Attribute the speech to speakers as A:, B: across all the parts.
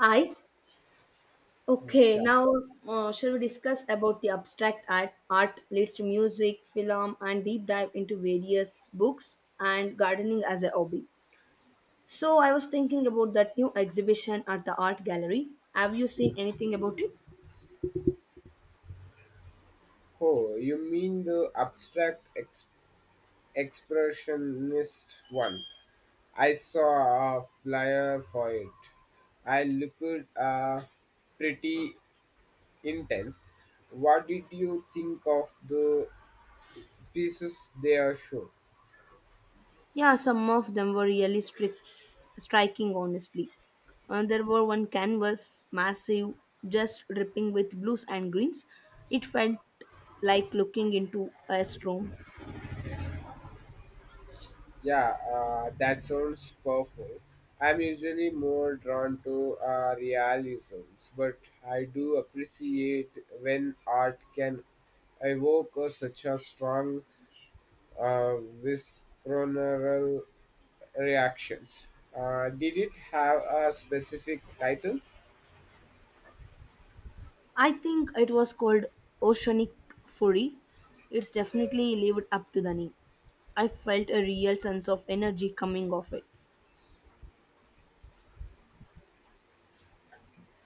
A: I okay
B: Yeah.
A: now shall we discuss about the abstract art, art leads to music, film, and deep dive into various books and gardening as a hobby? So I was thinking about that new exhibition at the art gallery. Have you seen anything about it?
B: Oh, you mean the expressionist one? I saw a flyer for it. I looked pretty intense. What did you think of the pieces they are shown?
A: Yeah, some of them were really striking, honestly. There were one canvas, massive, just dripping with blues and greens. It felt like looking into a storm.
B: Yeah, that sounds powerful. I'm usually more drawn to realisms, but I do appreciate when art can evoke such a strong uh, visceral reactions. Did it have a specific title?
A: I think it was called Oceanic Fury. It's definitely lived up to the name. I felt a real sense of energy coming off it.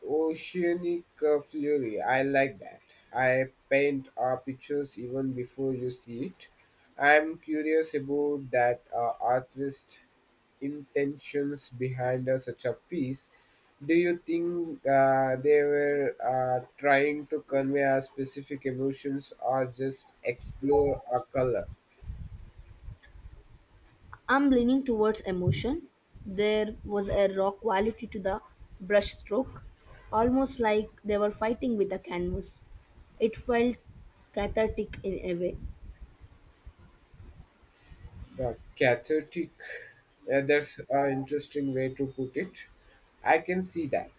B: Oceanic Fury. I like that. I paint our pictures even before you see it. I'm curious about that artist intentions behind such a piece. Do you think they were trying to convey our specific emotions or just explore a color?
A: I'm leaning towards emotion. There was a raw quality to the brushstroke, almost like they were fighting with a canvas. It felt cathartic in a way.
B: The cathartic, that's an interesting way to put it. I can see that.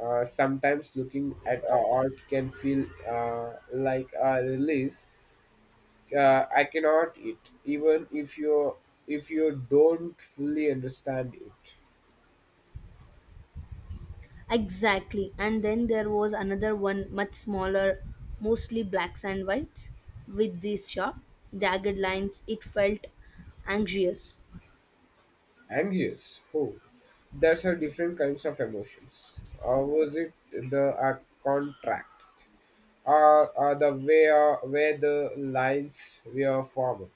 B: Sometimes looking at art can feel like a release. I cannot it, even if you don't fully understand it.
A: Exactly. And then there was another one, much smaller, mostly blacks and whites, with these sharp, jagged lines. It felt anxious.
B: Anxious, oh, that's a different kinds of emotions. Or was it the contrast? Or the way where the lines were formed?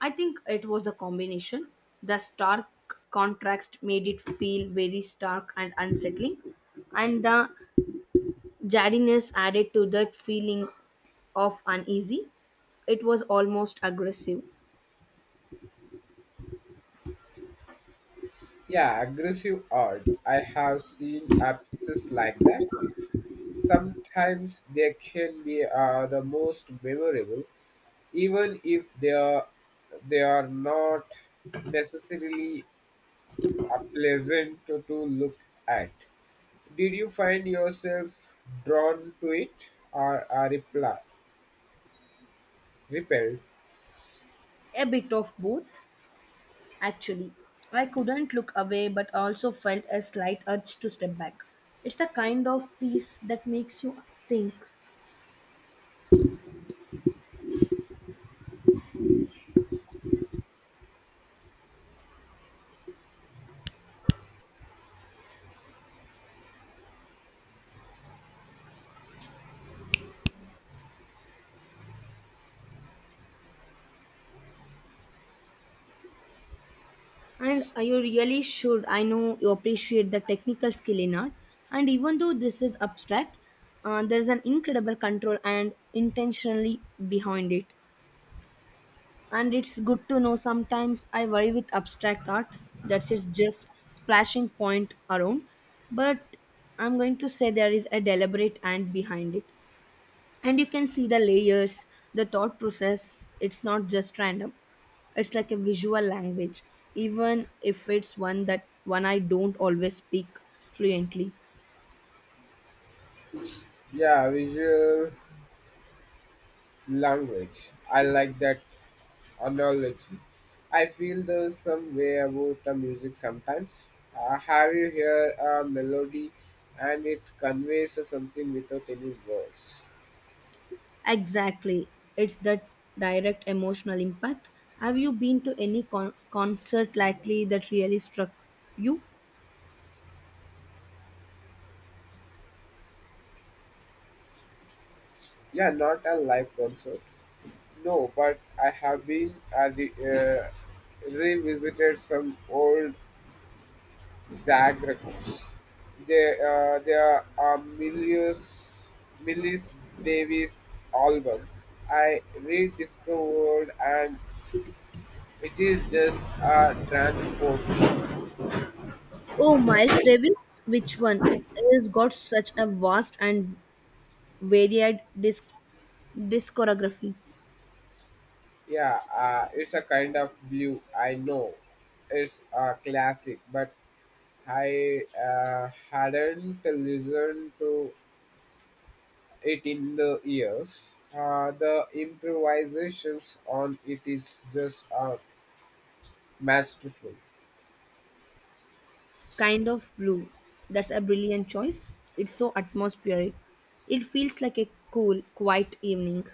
A: I think it was a combination. The stark contrast made it feel very stark and unsettling, and the jaddiness added to that feeling of uneasy. It was almost aggressive.
B: Yeah, aggressive art. I have seen pieces like that. Sometimes they can be the most memorable, even if they are not necessarily pleasant to look at. Did you find yourself drawn to it or are repelled?
A: A bit of both. Actually, I couldn't look away but also felt a slight urge to step back. It's the kind of piece that makes you think. And you really should. I know you appreciate the technical skill in art. And even though this is abstract, there's an incredible control and intentionally behind it. And it's good to know sometimes I worry with abstract art that it's just splashing point around. But I'm going to say there is a deliberate and behind it, and you can see the layers, the thought process. It's not just random, it's like a visual language, even if it's one that one I don't always speak fluently.
B: Yeah, visual language. I like that analogy. I feel the some way about the music sometimes. Have you hear a melody and it conveys something without any words?
A: Exactly. It's that direct emotional impact. Have you been to any concert lately that really struck you?
B: Yeah, not a live concert. No, but I have been revisited some old Zag records. There are Millis Davis album I rediscovered and it is just a transport.
A: Oh, Miles Davis, which one? He's got such a vast and varied disc- discography.
B: Yeah, it's a kind of blue. I know, it's a classic, but I hadn't listened to it in the years. The improvisations on it is just masterful.
A: Kind of Blue. That's a brilliant choice. It's so atmospheric. It feels like a cool, quiet evening.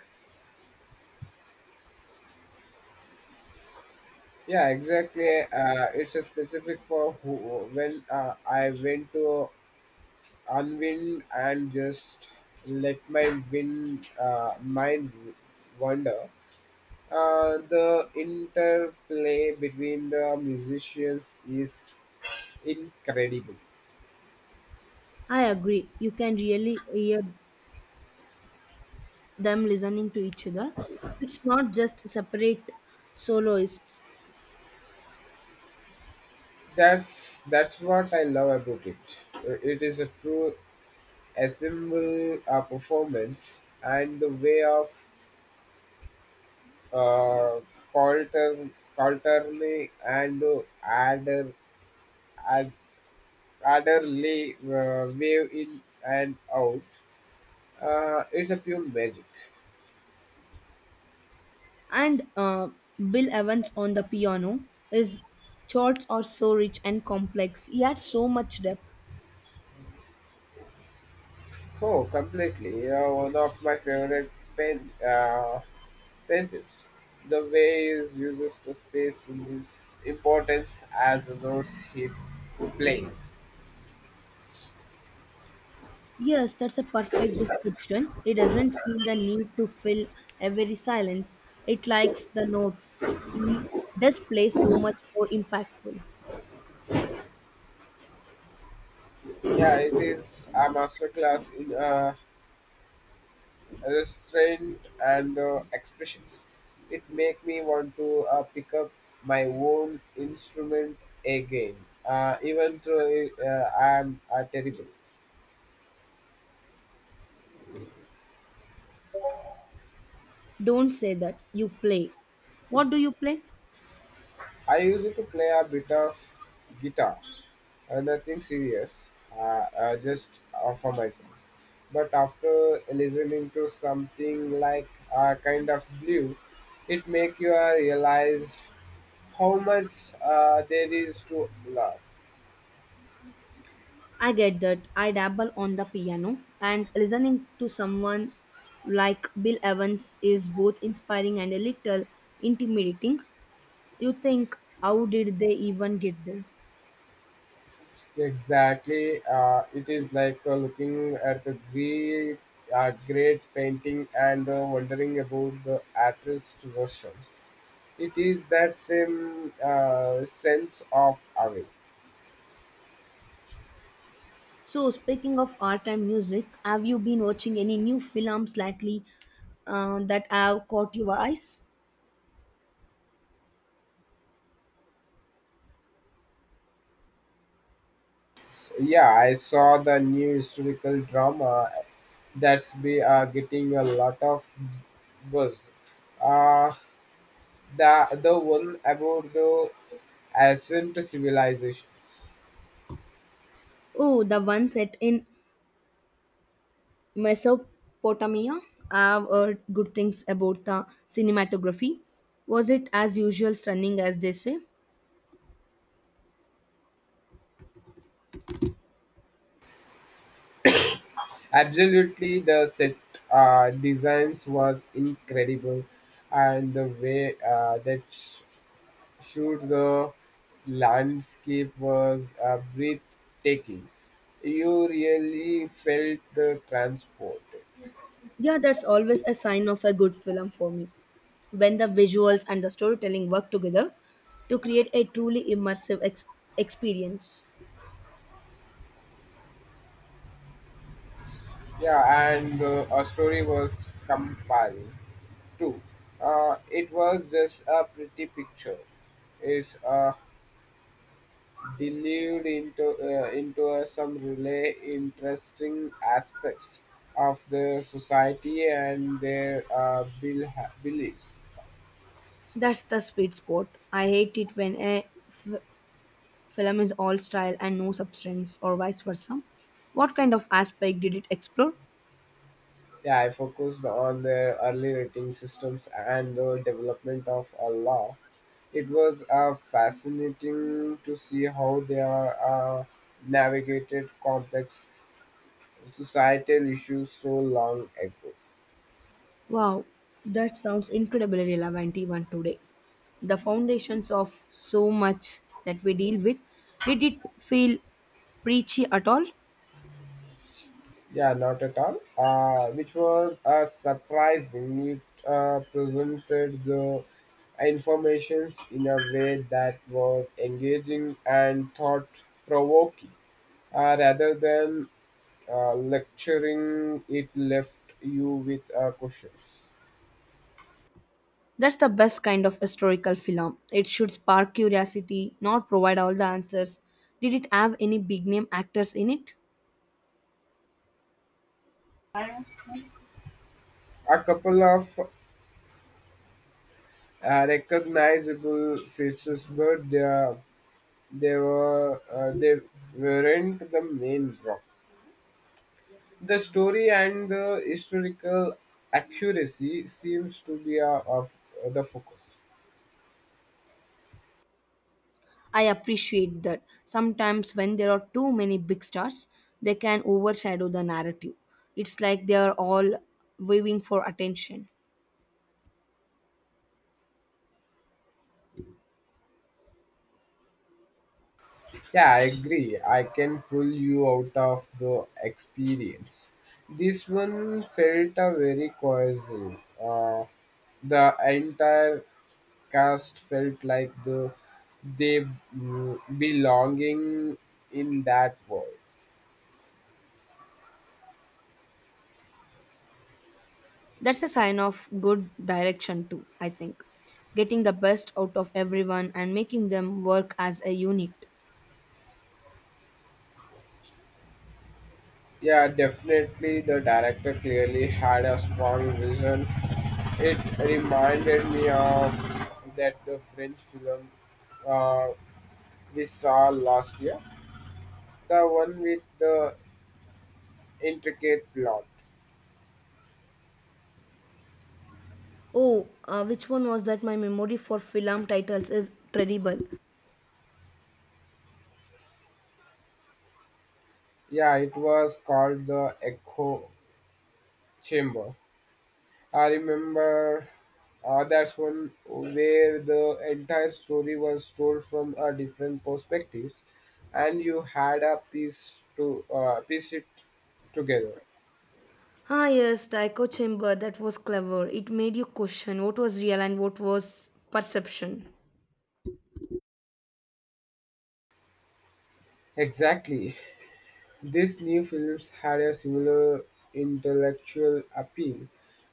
B: Yeah, exactly. It's a specific for who, when I went to unwind and just let my wind mind wander. The interplay between the musicians is incredible.
A: I agree. You can really hear them listening to each other. It's not just separate soloists.
B: That's what I love about it. It is a true ensemble performance, and the way of uh, Coulter, Coulterly and Ad, Adderley wave in and out. It's a pure magic.
A: And Bill Evans on the piano. His chords are so rich and complex. He had so much depth.
B: Oh, completely. One of my favorite pen painters. The way he uses the space in his importance as the notes he plays.
A: Yes, that's a perfect description. It doesn't feel the need to fill every silence. It likes the notes. It does play so much more impactful.
B: Yeah, it is a masterclass in restraint and expressions. It make me want to pick up my own instrument again, even though I am terrible.
A: Don't say that. You play. What do you play?
B: I used to play a bit of guitar, nothing serious, uh, just for myself. But after listening to something like kind of blue, it make you realize how much there is to love.
A: I get that. I dabble on the piano, and listening to someone like Bill Evans is both inspiring and a little intimidating. You think, how did they even get there?
B: Exactly, it is like looking at a great, great painting and wondering about the artist's version. It is that same sense of awe.
A: So, speaking of art and music, have you been watching any new films lately that have caught your eyes?
B: Yeah, I saw the new historical drama that's be getting a lot of buzz. Uh, the one about the ancient civilizations.
A: Oh, the one set in Mesopotamia. I've heard good things about the cinematography. Was it as usual stunning as they say?
B: Absolutely, the set designs was incredible, and the way that shoot the landscape was breathtaking. You really felt the transport.
A: Yeah, that's always a sign of a good film for me. When the visuals and the storytelling work together to create a truly immersive experience.
B: Yeah, and a story was compelling too. It was just a pretty picture. It's delved into some really interesting aspects of their society and their beliefs.
A: That's the sweet spot. I hate it when a film is all style and no substance, or vice versa? What kind of aspect did it explore?
B: Yeah, I focused on the early rating systems and the development of a law. It was fascinating to see how they are uh, navigated complex societal issues so long ago.
A: Wow, that sounds incredibly relevant even today. The foundations of so much that we deal with, did it feel preachy at all?
B: Yeah, not at all. Which was surprising. It presented the information in a way that was engaging and thought provoking, rather than lecturing it left you with questions.
A: That's the best kind of historical film. It should spark curiosity, not provide all the answers. Did it have any big name actors in it?
B: A couple of recognizable faces, but they were they weren't the main rock. The story and the historical accuracy seems to be of the focus.
A: I appreciate that. Sometimes, when there are too many big stars, they can overshadow the narrative. It's like they are all waving for attention.
B: Yeah, I agree. I can pull you out of the experience. This one felt a very coercive. The entire cast felt like the they belonging in that world.
A: That's a sign of good direction, too, I think. Getting the best out of everyone and making them work as a unit.
B: Yeah, definitely the director clearly had a strong vision. It reminded me of that the French film, uh, we saw last year, the one with the intricate plot.
A: Oh, which one was that? My memory for film titles is terrible.
B: Yeah, it was called the Echo Chamber. I remember that's one where the entire story was told from a different perspectives, and you had a piece to piece it together.
A: Ah, yes, the echo chamber. That was clever. It made you question what was real and what was perception.
B: Exactly, these new films had a similar intellectual appeal,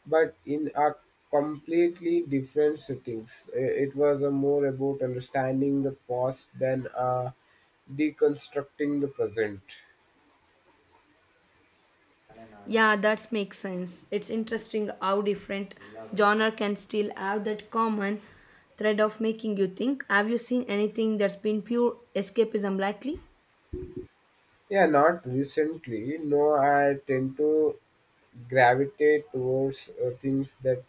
B: but in a completely different settings. It was a more about understanding the past than deconstructing the present.
A: Yeah, that makes sense. It's interesting how different genre can still have that common thread of making you think. Have you seen anything that's been pure escapism lately?
B: Yeah, not recently. No, I tend to gravitate towards things that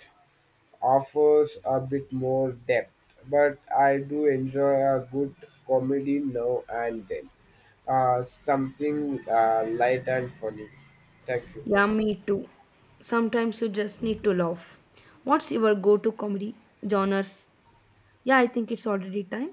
B: offers a bit more depth, but I do enjoy a good comedy now and then. Something light and funny. Thank you.
A: Yeah, me too. Sometimes you just need to laugh. What's your go to comedy genres? Yeah, I think it's already time.